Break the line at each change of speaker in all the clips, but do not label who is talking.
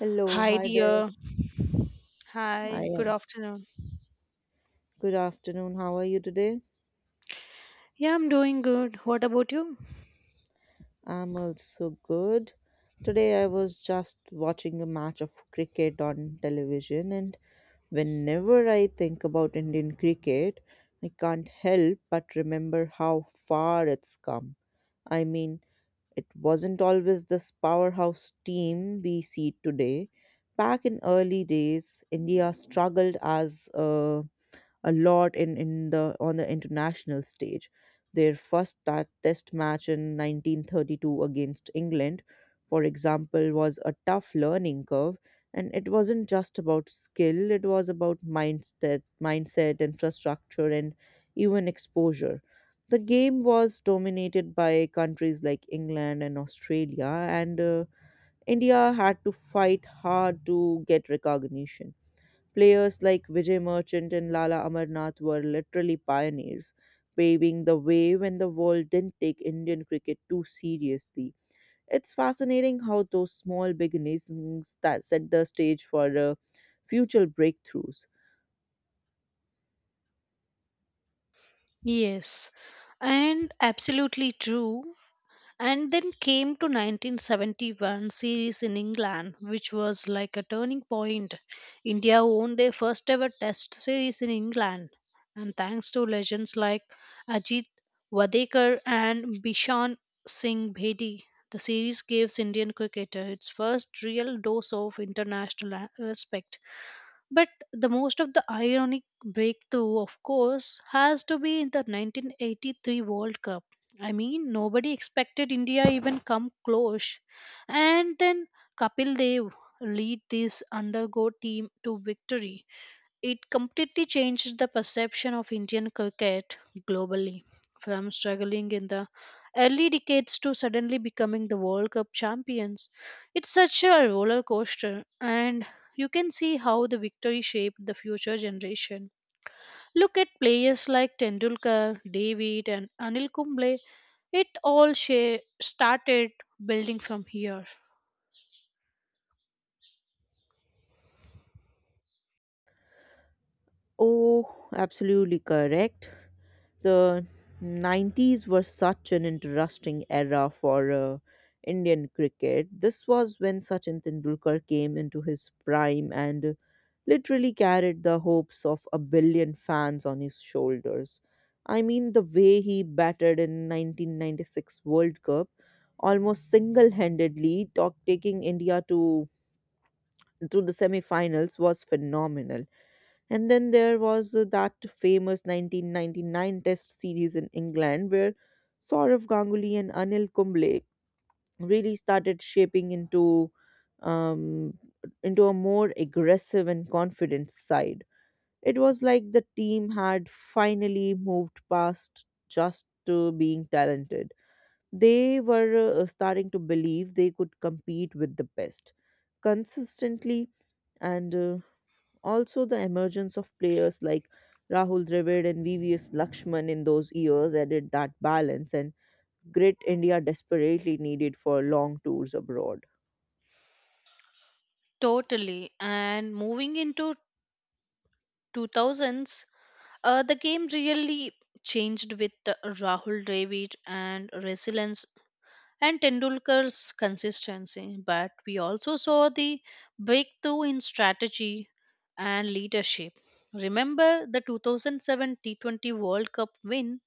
Hello,
Hi,
hi there.
dear. Hi, good
Hi.
afternoon.
Good afternoon. How are you today?
Yeah, I'm doing good. What about you?
I'm also good. Today I was just watching a match of cricket on television, and whenever I think about Indian cricket, I can't help but remember how far it's come. I mean, it wasn't always this powerhouse team we see today. Back in early days, India struggled as a lot in the on the international stage. Their first test match in 1932 against England, for example, was a tough learning curve, and it wasn't just about skill; it was about mindset, mindset, infrastructure, and even exposure. The game was dominated by countries like England and Australia, and India had to fight hard to get recognition. Players like Vijay Merchant and Lala Amarnath were literally pioneers, paving the way when the world didn't take Indian cricket too seriously. It's fascinating how those small beginnings that set the stage for future breakthroughs.
Yes, and absolutely true. And then came to 1971 series in England, which was like a turning point. India won their first ever test series in England, and thanks to legends like Ajit Wadekar and Bishan Singh Bedi, the series gives Indian cricketer its first real dose of international respect. But the most of the ironic breakthrough, of course, has to be in the 1983 World Cup. I mean, nobody expected India even come close. And then Kapil Dev lead this undergo team to victory. It completely changed the perception of Indian cricket globally, from struggling in the early decades to suddenly becoming the World Cup champions. It's such a roller coaster, and you can see how the victory shaped the future generation. Look at players like Tendulkar, David, and Anil Kumble. Started building from here.
Oh, absolutely correct. The 90s were such an interesting era for Indian cricket. This was when Sachin Tendulkar came into his prime and literally carried the hopes of a billion fans on his shoulders. I mean, the way he batted in 1996 World Cup, almost single-handedly taking India to the semi-finals was phenomenal. And then there was that famous 1999 Test series in England where Saurav Ganguly and Anil Kumble really started shaping um, into a more aggressive and confident side. It was like the team had finally moved past just being talented. They were starting to believe they could compete with the best consistently, and also the emergence of players like Rahul Dravid and VVS Lakshman in those years added that balance and grit India desperately needed for long tours abroad.
Totally. And moving into 2000s, the game really changed with Rahul Dravid and resilience and Tendulkar's consistency. But we also saw the breakthrough in strategy and leadership. Remember the 2007 T20 World Cup win?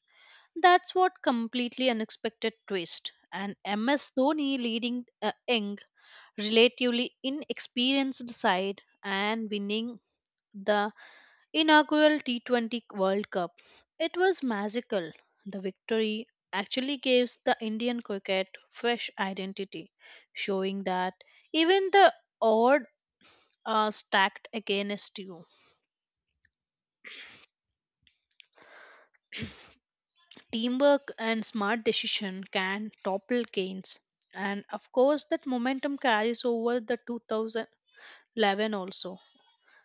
That's what completely unexpected twist. And MS Dhoni leading a young, relatively inexperienced side and winning the inaugural T20 World Cup. It was magical. The victory actually gives the Indian cricket fresh identity, showing that even the odd are stacked against you. Teamwork and smart decision can topple gains. And of course, that momentum carries over the 2011 also,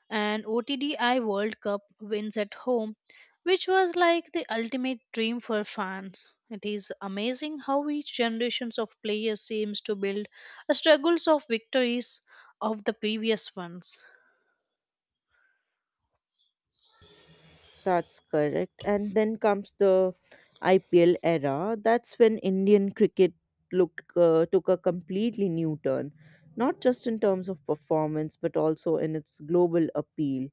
and OTDI World Cup wins at home, which was like the ultimate dream for fans. It is amazing how each generations of players seems to build a struggles of victories of the previous ones.
That's correct. And then comes the IPL era. That's when Indian cricket look took a completely new turn, not just in terms of performance but also in its global appeal.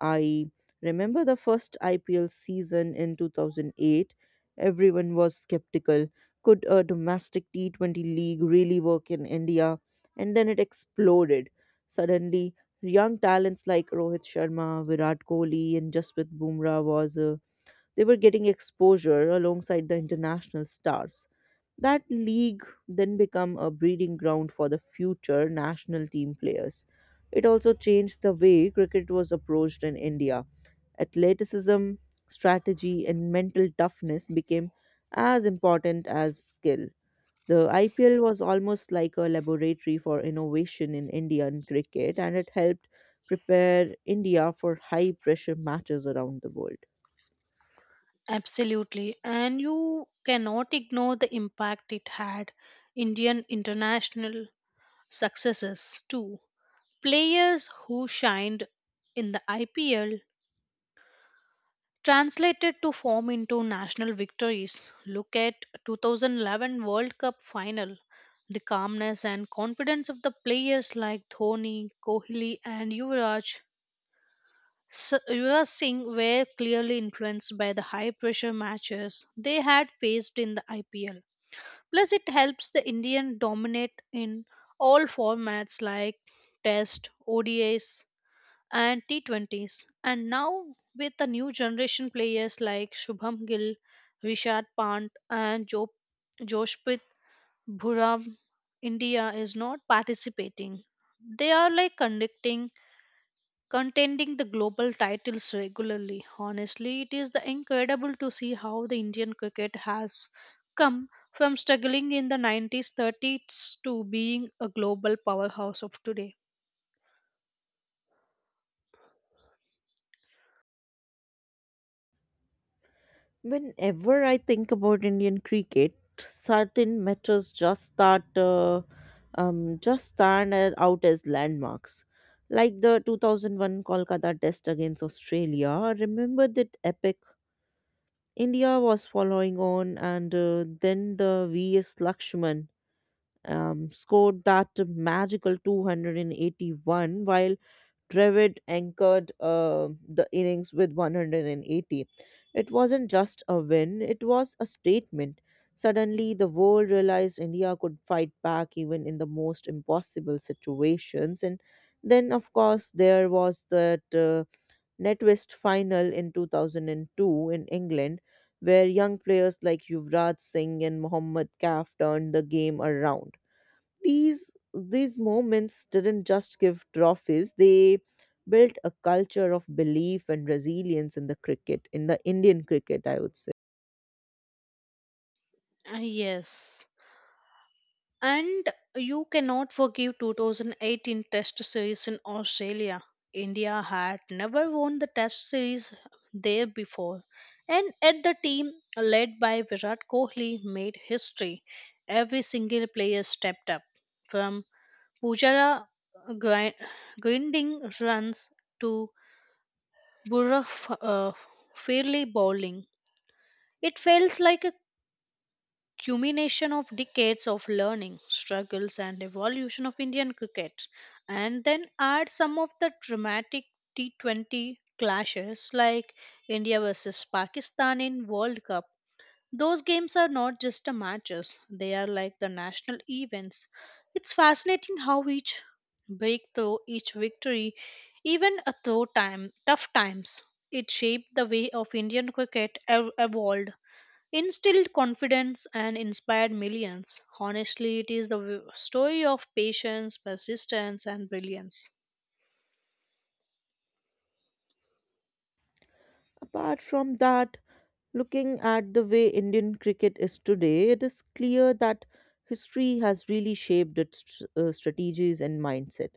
I remember the first IPL season in 2008. Everyone was skeptical. Could a domestic T20 league really work in India? And then it exploded. Suddenly, young talents like Rohit Sharma, Virat Kohli, and Jasprit Bumrah was they were getting exposure alongside the international stars. That league then became a breeding ground for the future national team players. It also changed the way cricket was approached in India. Athleticism, strategy, and mental toughness became as important as skill. The IPL was almost like a laboratory for innovation in Indian cricket, and it helped prepare India for high pressure matches around the world.
Absolutely, and you cannot ignore the impact it had Indian international successes too. Players who shined in the IPL translated to form into national victories. Look at 2011 World Cup final. The calmness and confidence of the players like Dhoni, Kohli, and Yuvraj, Yuvraj Singh were clearly influenced by the high pressure matches they had faced in the IPL. Plus, it helps the Indian dominate in all formats like Test, ODIs, and T20s. And now, with the new generation players like Shubham Gill, Rishad Pant, and Joshpit Bhuram, India is not participating. They are like conducting contending the global titles regularly. Honestly, it is the incredible to see how the Indian cricket has come from struggling in the 90s 30s to being a global powerhouse of today.
Whenever I think about Indian cricket, certain matches just just out as landmarks. Like the 2001 Kolkata Test against Australia. I remember that epic. India was following on, and then the V.S. Lakshman scored that magical 281, while Dravid anchored the innings with 180. It wasn't just a win, it was a statement. Suddenly, the world realized India could fight back even in the most impossible situations. And then, of course, there was that NetWest final in 2002 in England, where young players like Yuvraj Singh and Mohammad Kaf turned the game around. These moments didn't just give trophies; they built a culture of belief and resilience in the cricket, in the Indian cricket, I would say.
Ah, yes. And you cannot forgive 2018 Test Series in Australia. India had never won the Test Series there before. And at the team led by Virat Kohli made history. Every single player stepped up. From Pujara grind- grinding runs to Burra uh, fairly bowling. It feels like a culmination of decades of learning, struggles, and evolution of Indian cricket, and then add some of the dramatic T20 clashes like India versus Pakistan in World Cup. Those games are not just the matches, they are like the national events. It's fascinating how each breakthrough, each victory, even a though time tough times, it shaped the way of Indian cricket evolved instilled confidence and inspired millions. Honestly, it is the story of patience, persistence, and brilliance.
Apart from that, looking at the way Indian cricket is today, it is clear that history has really shaped its strategies and mindset.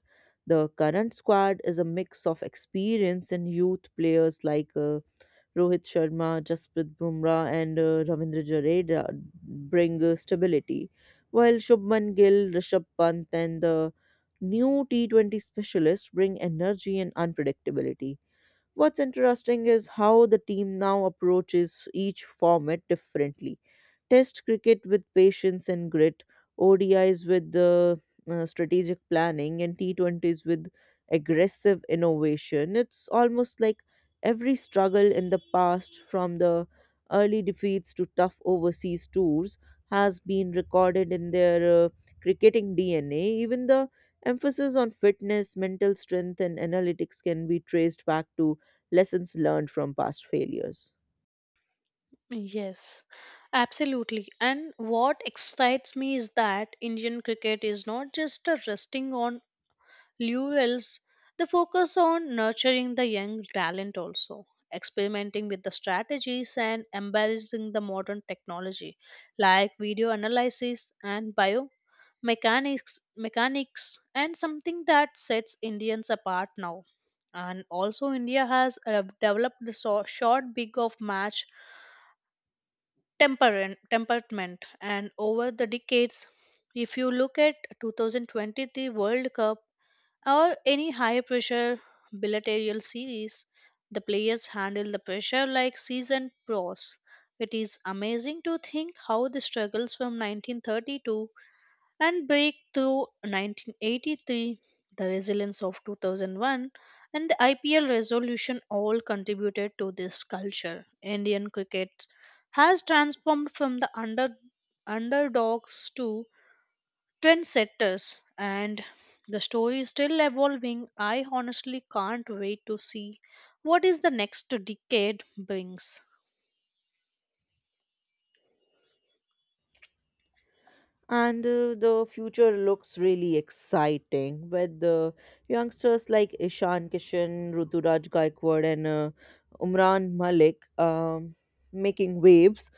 The current squad is a mix of experience and youth. Players like Rohit Sharma, Jasprit Bumrah, and Ravindra Jadeja bring stability, while Shubman Gill, Rishabh Pant, and the new T20 specialists bring energy and unpredictability. What's interesting is how the team now approaches each format differently. Test cricket with patience and grit, ODIs with strategic planning, and T20s with aggressive innovation. It's almost like every struggle in the past, from the early defeats to tough overseas tours, has been recorded in their cricketing DNA. Even the emphasis on fitness, mental strength, and analytics can be traced back to lessons learned from past failures.
Yes, absolutely. And what excites me is that Indian cricket is not just a resting on Lewell's, they focus on nurturing the young talent also, experimenting with the strategies and embracing the modern technology like video analysis and biomechanics, mechanics mechanics and something that sets Indians apart now. And also India has developed the so- short big of match temperament and over the decades if you look at 2023 world cup or any high pressure bilateral series, the players handle the pressure like seasoned pros. It is amazing to think how the struggles from 1932 and break through 1983, the resilience of 2001, and the IPL resolution all contributed to this culture. Indian cricket has transformed from the underdogs to trendsetters and the story is still evolving. I honestly can't wait to see what is the next decade brings.
And the future looks really exciting with the youngsters like Ishan Kishan, Ruturaj Gaikwad, and Umran Malik, making waves.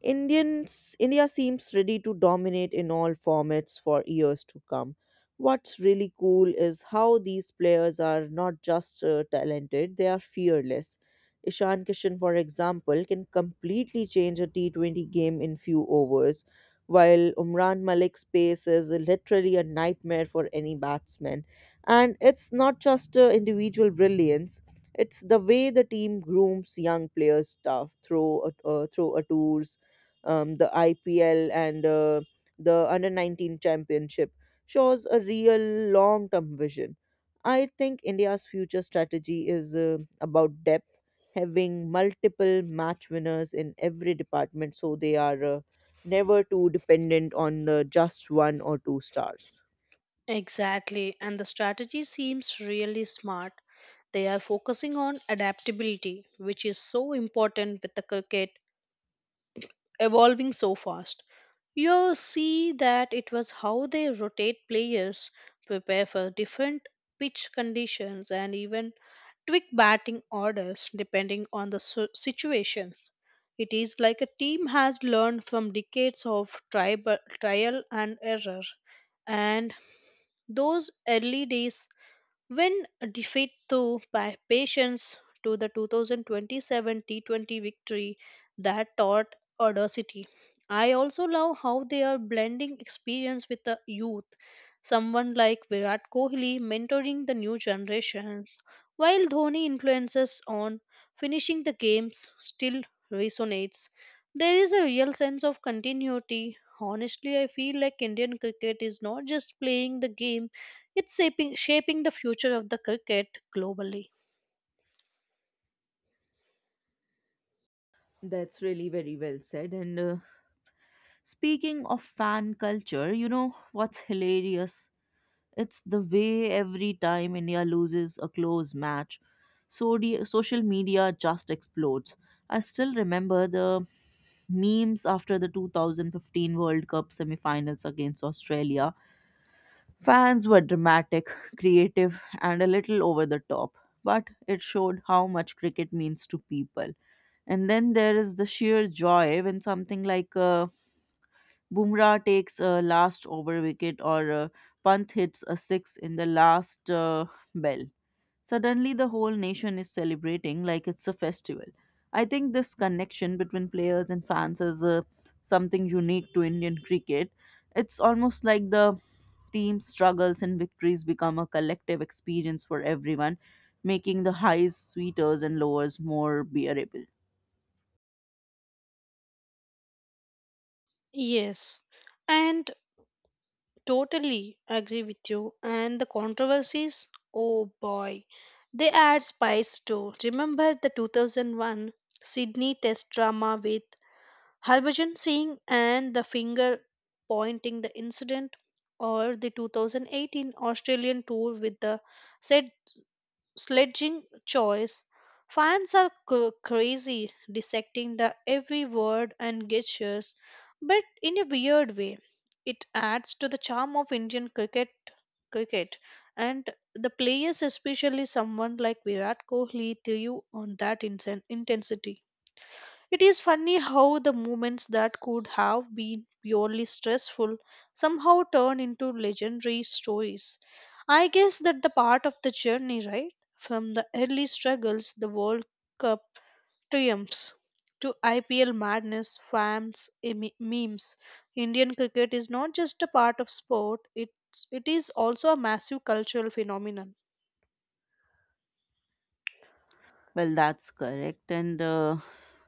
India seems ready to dominate in all formats for years to come. What's really cool is how these players are not just talented, they are fearless. Ishan Kishan, for example, can completely change a T20 game in few overs, while Umran Malik's pace is literally a nightmare for any batsman. And it's not just individual brilliance, it's the way the team grooms young players' stuff through a tours, the IPL, and the Under 19 Championship. Shows a real long term vision. I think India's future strategy is about depth, having multiple match winners in every department so they are never too dependent on just one or two stars.
Exactly, and the strategy seems really smart. They are focusing on adaptability, which is so important with the cricket evolving so fast. You see that it was how they rotate players, prepare for different pitch conditions, and even tweak batting orders depending on the situations. It is like a team has learned from decades of trial and error, and those early days when defeat to by patience to the 2027 T20 victory that taught audacity. I also love how they are blending experience with the youth. Someone like Virat Kohli mentoring the new generations, while Dhoni influences on finishing the games still resonates. There is a real sense of continuity. Honestly, I feel like Indian cricket is not just playing the game, it's shaping the future of the cricket globally.
That's really very well said. And speaking of fan culture, you know what's hilarious? It's the way every time India loses a close match, social media just explodes. I still remember the memes after the 2015 World Cup semifinals against Australia. Fans were dramatic, creative, and a little over the top, but it showed how much cricket means to people. And then there is the sheer joy when something like Bumrah takes a last over wicket, or Pant hits a six in the last bell. Suddenly, the whole nation is celebrating like it's a festival. I think this connection between players and fans is something unique to Indian cricket. It's almost like the team's struggles and victories become a collective experience for everyone, making the highs sweeter and lowers more bearable.
Yes, and totally agree with you. And the controversies, oh boy, they add spice too. Remember the 2001 Sydney Test drama with Harbhajan Singh and the finger pointing the incident, or the 2018 Australian tour with the said sledging choice. Fans are crazy dissecting the every word and gestures, but in a weird way. It adds to the charm of Indian cricket and the players, especially someone like Virat Kohli threw on that intensity. It is funny how the moments that could have been purely stressful somehow turn into legendary stories. I guess that the part of the journey, right? From the early struggles, the World Cup triumphs, to IPL madness, fans, memes. Indian cricket is not just a part of sport, it is also a massive cultural phenomenon.
Well, that's correct. And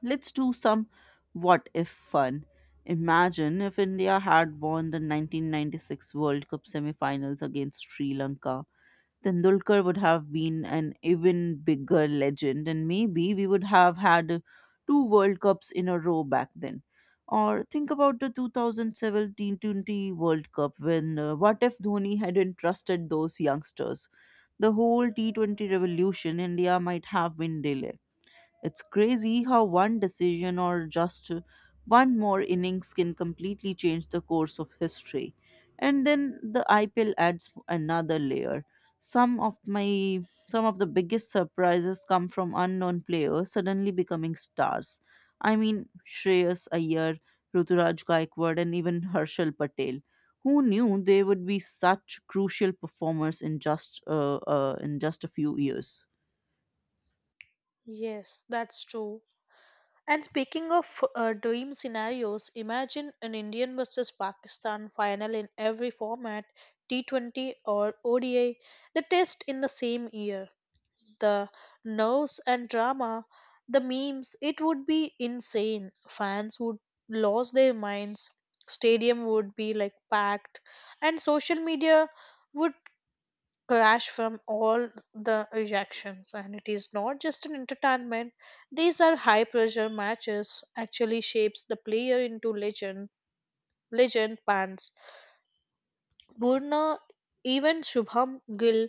let's do some what if fun. Imagine if India had won the 1996 World Cup semi finals against Sri Lanka. Tendulkar would have been an even bigger legend, and maybe we would have had two World Cups in a row back then. Or think about the 2017-20 World Cup, when what if Dhoni hadn't trusted those youngsters? The whole T20 revolution India might have been delayed. It's crazy how one decision or just one more innings can completely change the course of history. And then the IPL adds another layer. Some of my some of the biggest surprises come from unknown players suddenly becoming stars. I mean Shreyas Iyer, Ruturaj Gaikwad, and even Harshal Patel. Who knew they would be such crucial performers in just a few years?
Yes, that's true. And speaking of dream scenarios, imagine an Indian versus Pakistan final in every format, T20 or ODI, the test in the same year. The nerves and drama, the memes, it would be insane. Fans would lose their minds, stadium would be like packed, and social media would crash from all the reactions, and it is not just an entertainment. These are high pressure matches actually shapes the player into legend legend bands Burna, even Shubham Gill,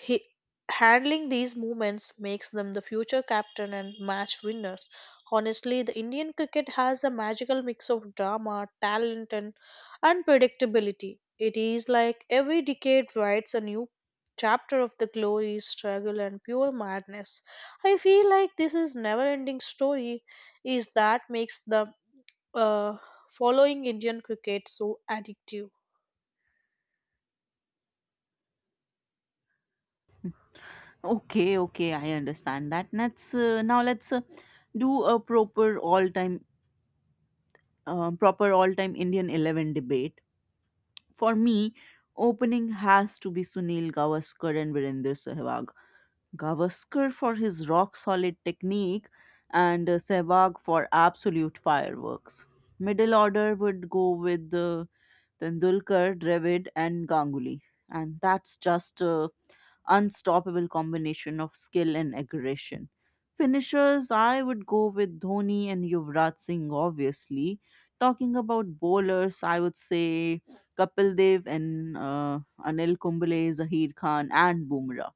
he, handling these movements makes them the future captain and match winners. Honestly, the Indian cricket has a magical mix of drama, talent, and unpredictability. It is like every decade writes a new chapter of the glory, struggle, and pure madness. I feel like this is never-ending story. Is that makes the uh, following Indian cricket so addictive?
Okay, okay, I understand that. Let's now let's do a proper all-time Indian 11 debate. For me, opening has to be Sunil Gavaskar and Virender Sehwag. Gavaskar for his rock-solid technique, and Sehwag for absolute fireworks. Middle order would go with Tendulkar, Dravid, and Ganguly. And that's just unstoppable combination of skill and aggression. Finishers, I would go with Dhoni and Yuvraj Singh, obviously. Talking about bowlers, I would say Kapil Dev and Anil Kumble, Zahir Khan, and Bumrah.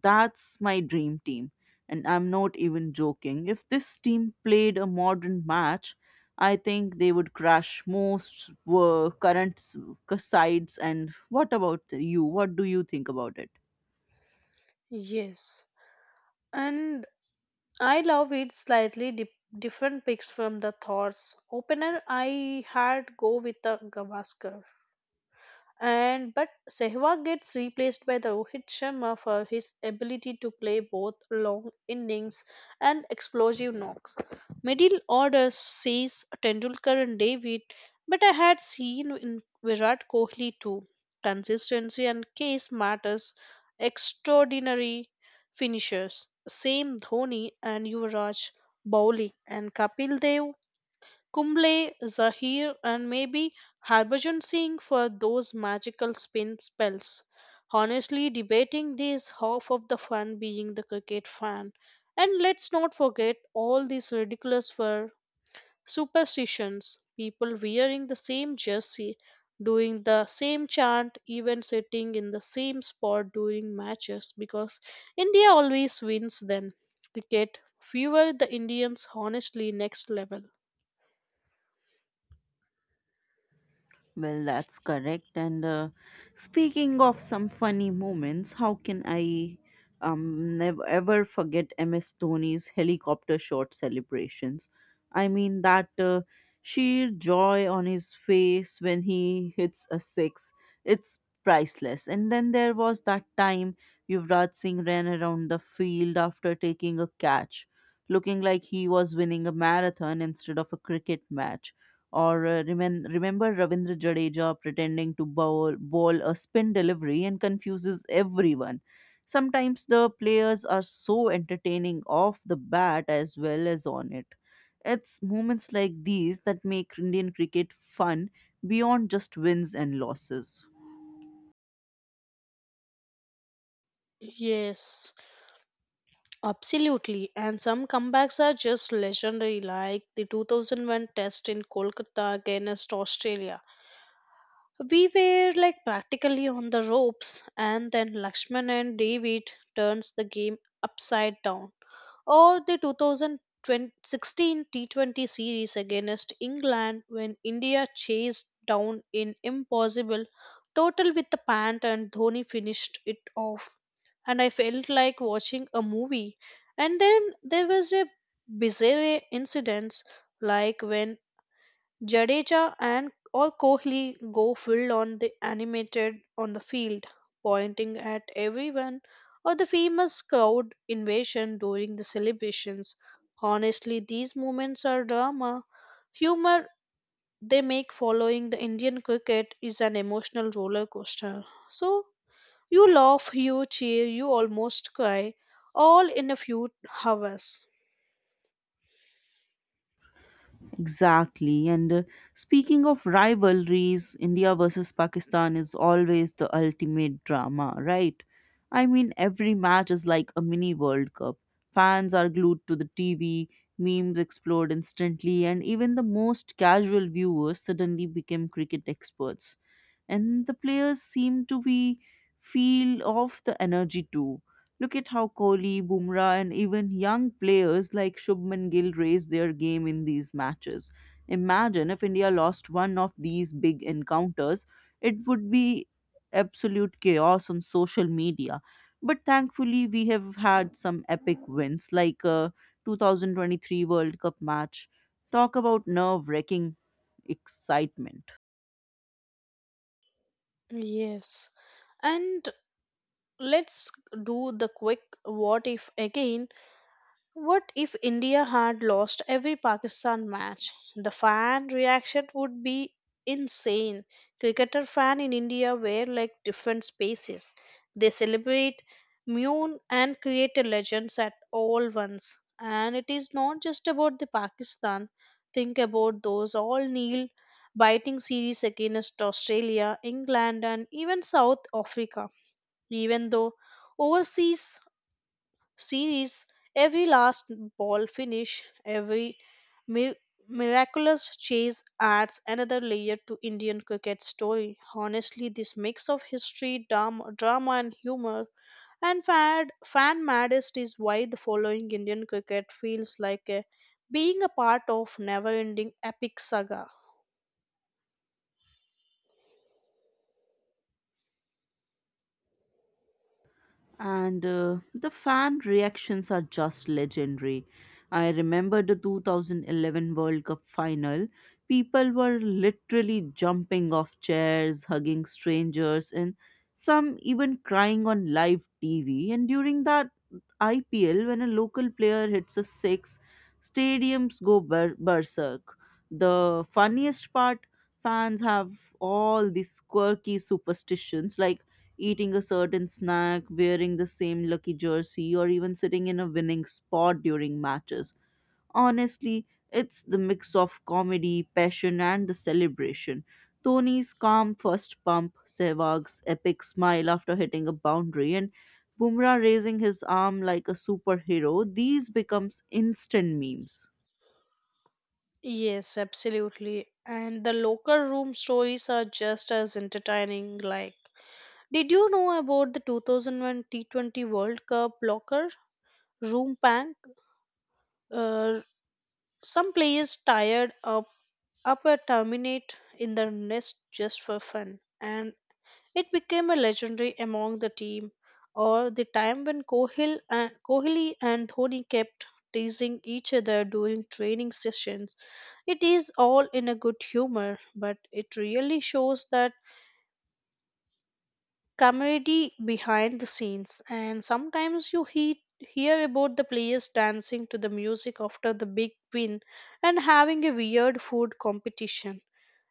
That's my dream team. And I'm not even joking. If this team played a modern match, I think they would crash most current sides. And what about you? What do you think about it?
Yes, and I love it slightly different picks from the thoughts. Opener I had go with the Gavaskar and but Sehwag gets replaced by the Rohit Sharma for his ability to play both long innings and explosive knocks. Middle order sees Tendulkar and David, but I had seen in Virat Kohli too. Consistency and case matters. Extraordinary finishers. Same Dhoni and Yuvraj bowling and Kapil Dev Kumble, Zahir, and maybe Harbhajan Singh for those magical spin spells. Honestly, debating this half of the fun being the cricket fan. And let's not forget all these ridiculous for superstitions, people wearing the same jersey, doing the same chant, even sitting in the same spot during matches because India always wins then. Cricket fever the Indians honestly next level.
Well, that's correct. And speaking of some funny moments, how can I never ever forget MS Dhoni's helicopter shot celebrations? I mean that sheer joy on his face when he hits a six, it's priceless. And then there was that time Yuvraj Singh ran around the field after taking a catch, looking like he was winning a marathon instead of a cricket match. Or remember Ravindra Jadeja pretending to bowl a spin delivery and confuses everyone. Sometimes the players are so entertaining off the bat as well as on it. It's moments like these that make Indian cricket fun beyond just wins and losses.
Yes. Absolutely, and some comebacks are just legendary, like the 2001 test in Kolkata against Australia. We were like practically on the ropes, and then Lakshman and David turns the game upside down or the 2016 T20 series against England when India chased down an impossible total with the pant and Dhoni finished it off. And I felt like watching a movie. And then there was a bizarre incident like when Jadeja and or Kohli go full on the animated on the field, pointing at everyone or the famous crowd invasion during the celebrations. Honestly, these moments are drama, humor, they make following the Indian cricket is an emotional roller coaster. So you laugh, you cheer, you almost cry, all in a few hours.
Exactly. And speaking of rivalries, India versus Pakistan is always the ultimate drama, right? I mean, every match is like a mini World Cup. Fans are glued to the TV, memes explode instantly, and even the most casual viewers suddenly became cricket experts. And the players seem to be feel of the energy too. Look at how Kohli, Bumrah, and even young players like Shubman Gill raised their game in these matches. Imagine if India lost one of these big encounters, it would be absolute chaos on social media. But thankfully, we have had some epic wins like a 2023 World Cup match. Talk about nerve wracking excitement.
Yes. And let's do the quick what if again. What if India had lost every Pakistan match? The fan reaction would be insane. Cricketer fan in India were like different spaces. They celebrate, mourn, and create a legends at all once. And it is not just about the Pakistan. Think about those all kneel biting series against Australia, England, and even South Africa, even though overseas series, every last ball finish, every mi- miraculous chase adds another layer to Indian cricket story. Honestly, this mix of history, drama and humor and fan maddest is why the following Indian cricket feels like a, being a part of never-ending epic saga.
And the fan reactions are just legendary. I remember the 2011 World Cup final. People were literally jumping off chairs, hugging strangers, and some even crying on live TV. And during that IPL, when a local player hits a six, stadiums go berserk. The funniest part, fans have all these quirky superstitions like eating a certain snack, wearing the same lucky jersey, or even sitting in a winning spot during matches. Honestly, it's the mix of comedy, passion, and the celebration. Tony's calm first pump, Sehwag's epic smile after hitting a boundary, and Bumrah raising his arm like a superhero, these becomes instant memes.
Yes, absolutely. And the locker room stories are just as entertaining, like did you know about the 2001 T20 World Cup blocker, Room Bank? Uh, some players tired up, up a terminate in their nest just for fun, and it became a legendary among the team. Or the time when Kohli and Dhoni kept teasing each other during training sessions. It is all in a good humor, but it really shows that camaraderie behind the scenes, and sometimes you hear about the players dancing to the music after the big win and having a weird food competition.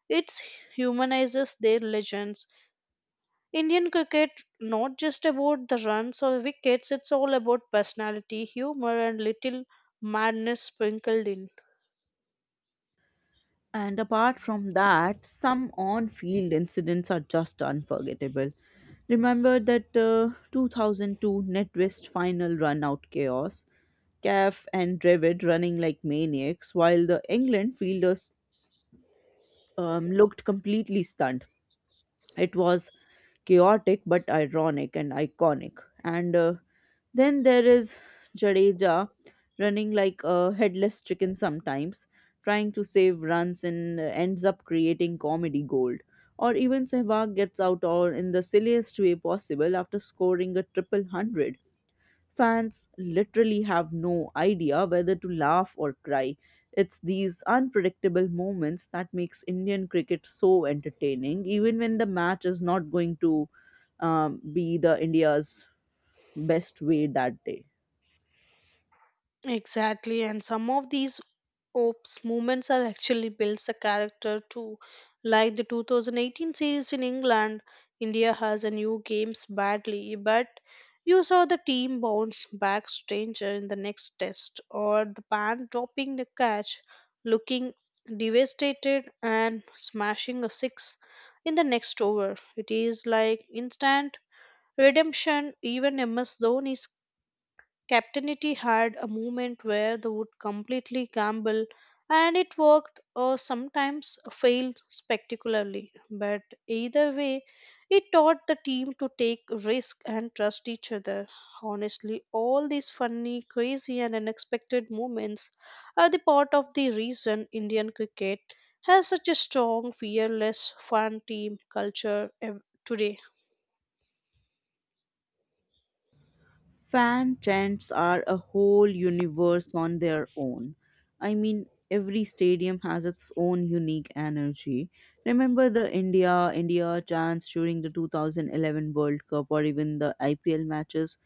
It humanizes their legends. Indian cricket, not just about the runs or wickets, it's all about personality, humor, and little madness sprinkled in.
And apart from that, some on field incidents are just unforgettable. Remember that 2002 NetWest final run out chaos, Caf and Dravid running like maniacs while the England fielders looked completely stunned. It was chaotic but ironic and iconic. And then there is Jadeja running like a headless chicken sometimes, trying to save runs and ends up creating comedy gold. Or even Sehwag gets out all in the silliest way possible after scoring a triple hundred. Fans literally have no idea whether to laugh or cry. It's these unpredictable moments that makes Indian cricket so entertaining, even when the match is not going to be the India's best way that day.
Exactly, and some of these ops movements are actually builds the character too. Like the 2018 series in England, India has a new games badly, but you saw the team bounce back stranger in the next test, or the band dropping the catch, looking devastated and smashing a six in the next over. It is like instant redemption. Even MS Dhoni Captainity had a moment where they would completely gamble, and it worked or sometimes failed spectacularly. But either way, it taught the team to take risk and trust each other. Honestly, all these funny, crazy, and unexpected moments are the part of the reason Indian cricket has such a strong, fearless, fun team culture today.
Fan chants are a whole universe on their own. I mean, every stadium has its own unique energy. Remember the India India chants during the 2011 World Cup or even the IPL matches?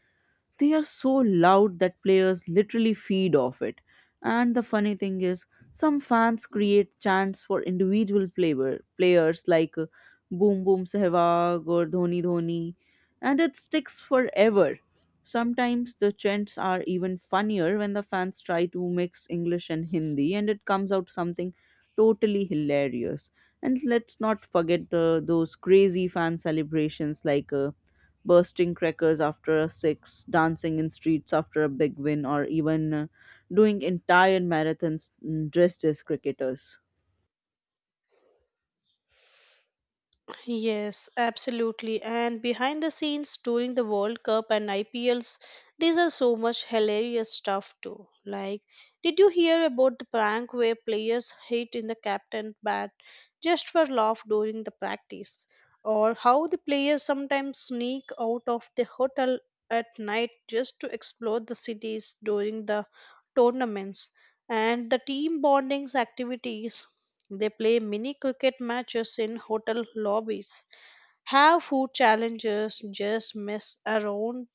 They are so loud that players literally feed off it. And the funny thing is, some fans create chants for players like Boom Boom Sehwag or Dhoni Dhoni, and it sticks forever. Sometimes the chants are even funnier when the fans try to mix English and Hindi, and it comes out something totally hilarious. And let's not forget those crazy fan celebrations like bursting crackers after a six, dancing in streets after a big win, or even doing entire marathons dressed as cricketers.
Yes, absolutely. And behind the scenes during the World Cup and IPLs, these are so much hilarious stuff too. Like, did you hear about the prank where players hit in the captain bat just for laugh during the practice? Or how the players sometimes sneak out of the hotel at night just to explore the cities during the tournaments, and the team bondings activities, they play mini cricket matches in hotel lobbies, have food challenges, just mess around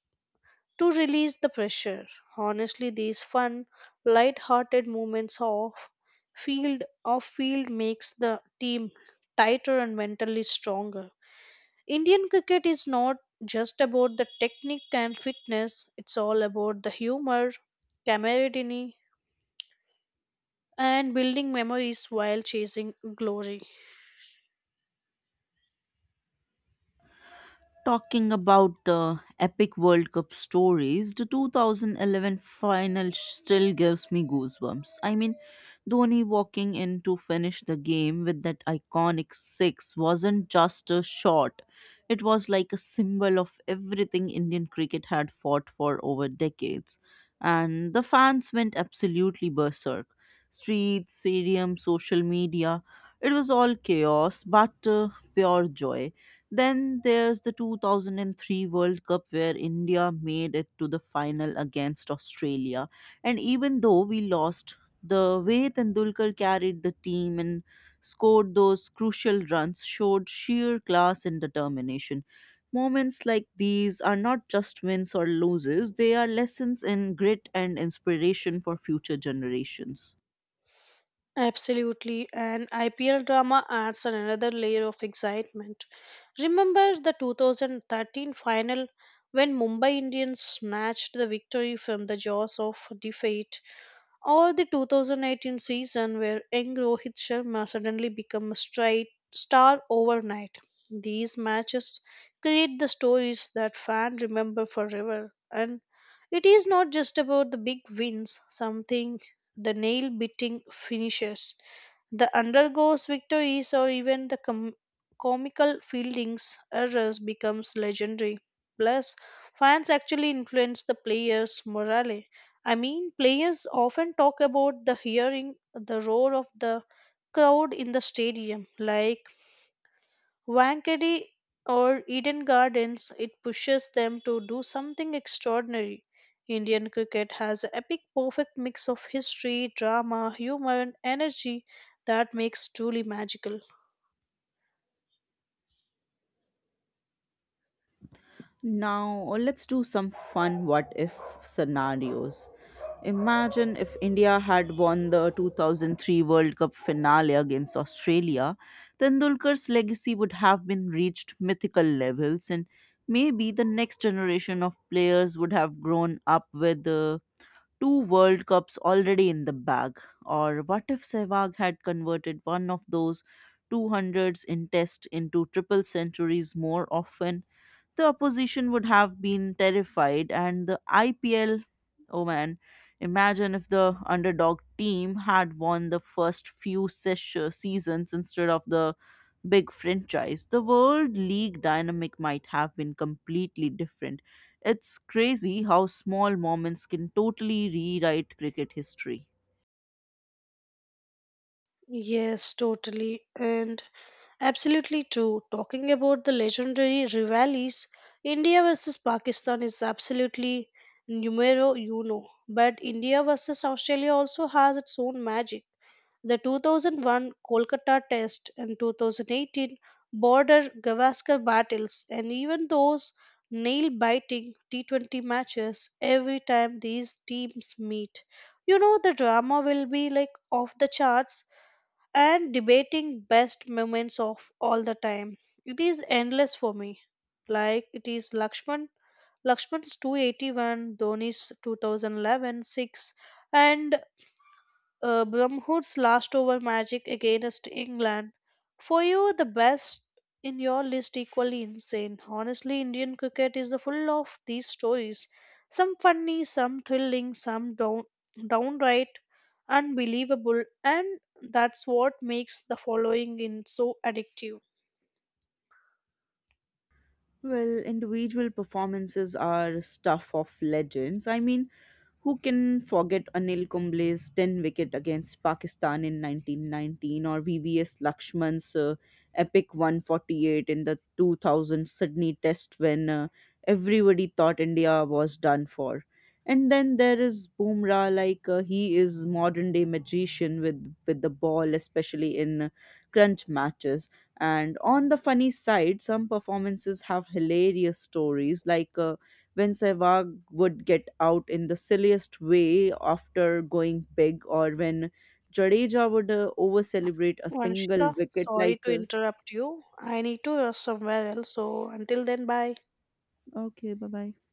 to release the pressure. Honestly, these fun, light-hearted moments of field makes the team tighter and mentally stronger. Indian cricket is not just about the technique and fitness, it's all about the humor, camaraderie, and building memories while chasing glory.
Talking about the epic World Cup stories, the 2011 final still gives me goosebumps. I mean, Dhoni walking in to finish the game with that iconic six wasn't just a shot, it was like a symbol of everything Indian cricket had fought for over decades. And the fans went absolutely berserk. Streets, stadium, social media, it was all chaos but pure joy. Then there's the 2003 World Cup where India made it to the final against Australia. And even though we lost, the way Tendulkar carried the team and scored those crucial runs showed sheer class and determination. Moments like these are not just wins or losses, they are lessons in grit and inspiration for future generations.
Absolutely, and IPL drama adds another layer of excitement. Remember the 2013 final when Mumbai Indians snatched the victory from the jaws of defeat, or the 2018 season where young Rohit Sharma suddenly became a straight star overnight. These matches create the stories that fans remember forever, and it is not just about the big wins, something the nail biting finishes, the undergoes victories, or even the comical fieldings errors becomes legendary. Plus, fans actually influence the players' morale. I mean, players often talk about the hearing the roar of the crowd in the stadium, like Wankhede or Eden Gardens. It pushes them to do something extraordinary. Indian cricket has an epic, perfect mix of history, drama, humor, and energy that makes truly magical.
Now, let's do some fun what if scenarios. Imagine if India had won the 2003 World Cup finale against Australia, Tendulkar's legacy would have been reached mythical levels, and maybe the next generation of players would have grown up with two World Cups already in the bag. Or what if Sehwag had converted one of those 200s in test into triple centuries more often? The opposition would have been terrified, and the IPL, oh man, imagine if the underdog team had won the first few seasons instead of the big franchise. The World League dynamic might have been completely different. It's crazy how small moments can totally rewrite cricket history.
Yes, totally. And Absolutely true. Talking about the legendary rivalries, India versus Pakistan is absolutely numero uno. But India versus Australia also has its own magic. The 2001 Kolkata Test and 2018 border Gavaskar battles, and even those nail biting T20 matches every time these teams meet. You know, the drama will be like off the charts, and debating best moments of all the time. It is endless for me. Like it is Lakshman's 281, Dhoni's 2011 6, and Bromhood's last over magic against England. For you, the best in your list equally insane. Honestly, Indian cricket is full of these stories. Some funny, some thrilling, some downright unbelievable, and that's what makes the following in so addictive.
Well, individual performances are stuff of legends. I mean, who can forget Anil Kumble's 10 wicket against Pakistan in 1919 or VVS Lakshman's epic 148 in the 2000 Sydney Test when everybody thought India was done for? And then there is Bumrah, he is modern day magician with the ball, especially in crunch matches. And on the funny side, some performances have hilarious stories, like when Sehwag would get out in the silliest way after going big, or when Jadeja would over celebrate a single
Vanshika,
wicket,
sorry to interrupt you. I need to rush somewhere else. So until then, bye.
okay, bye bye.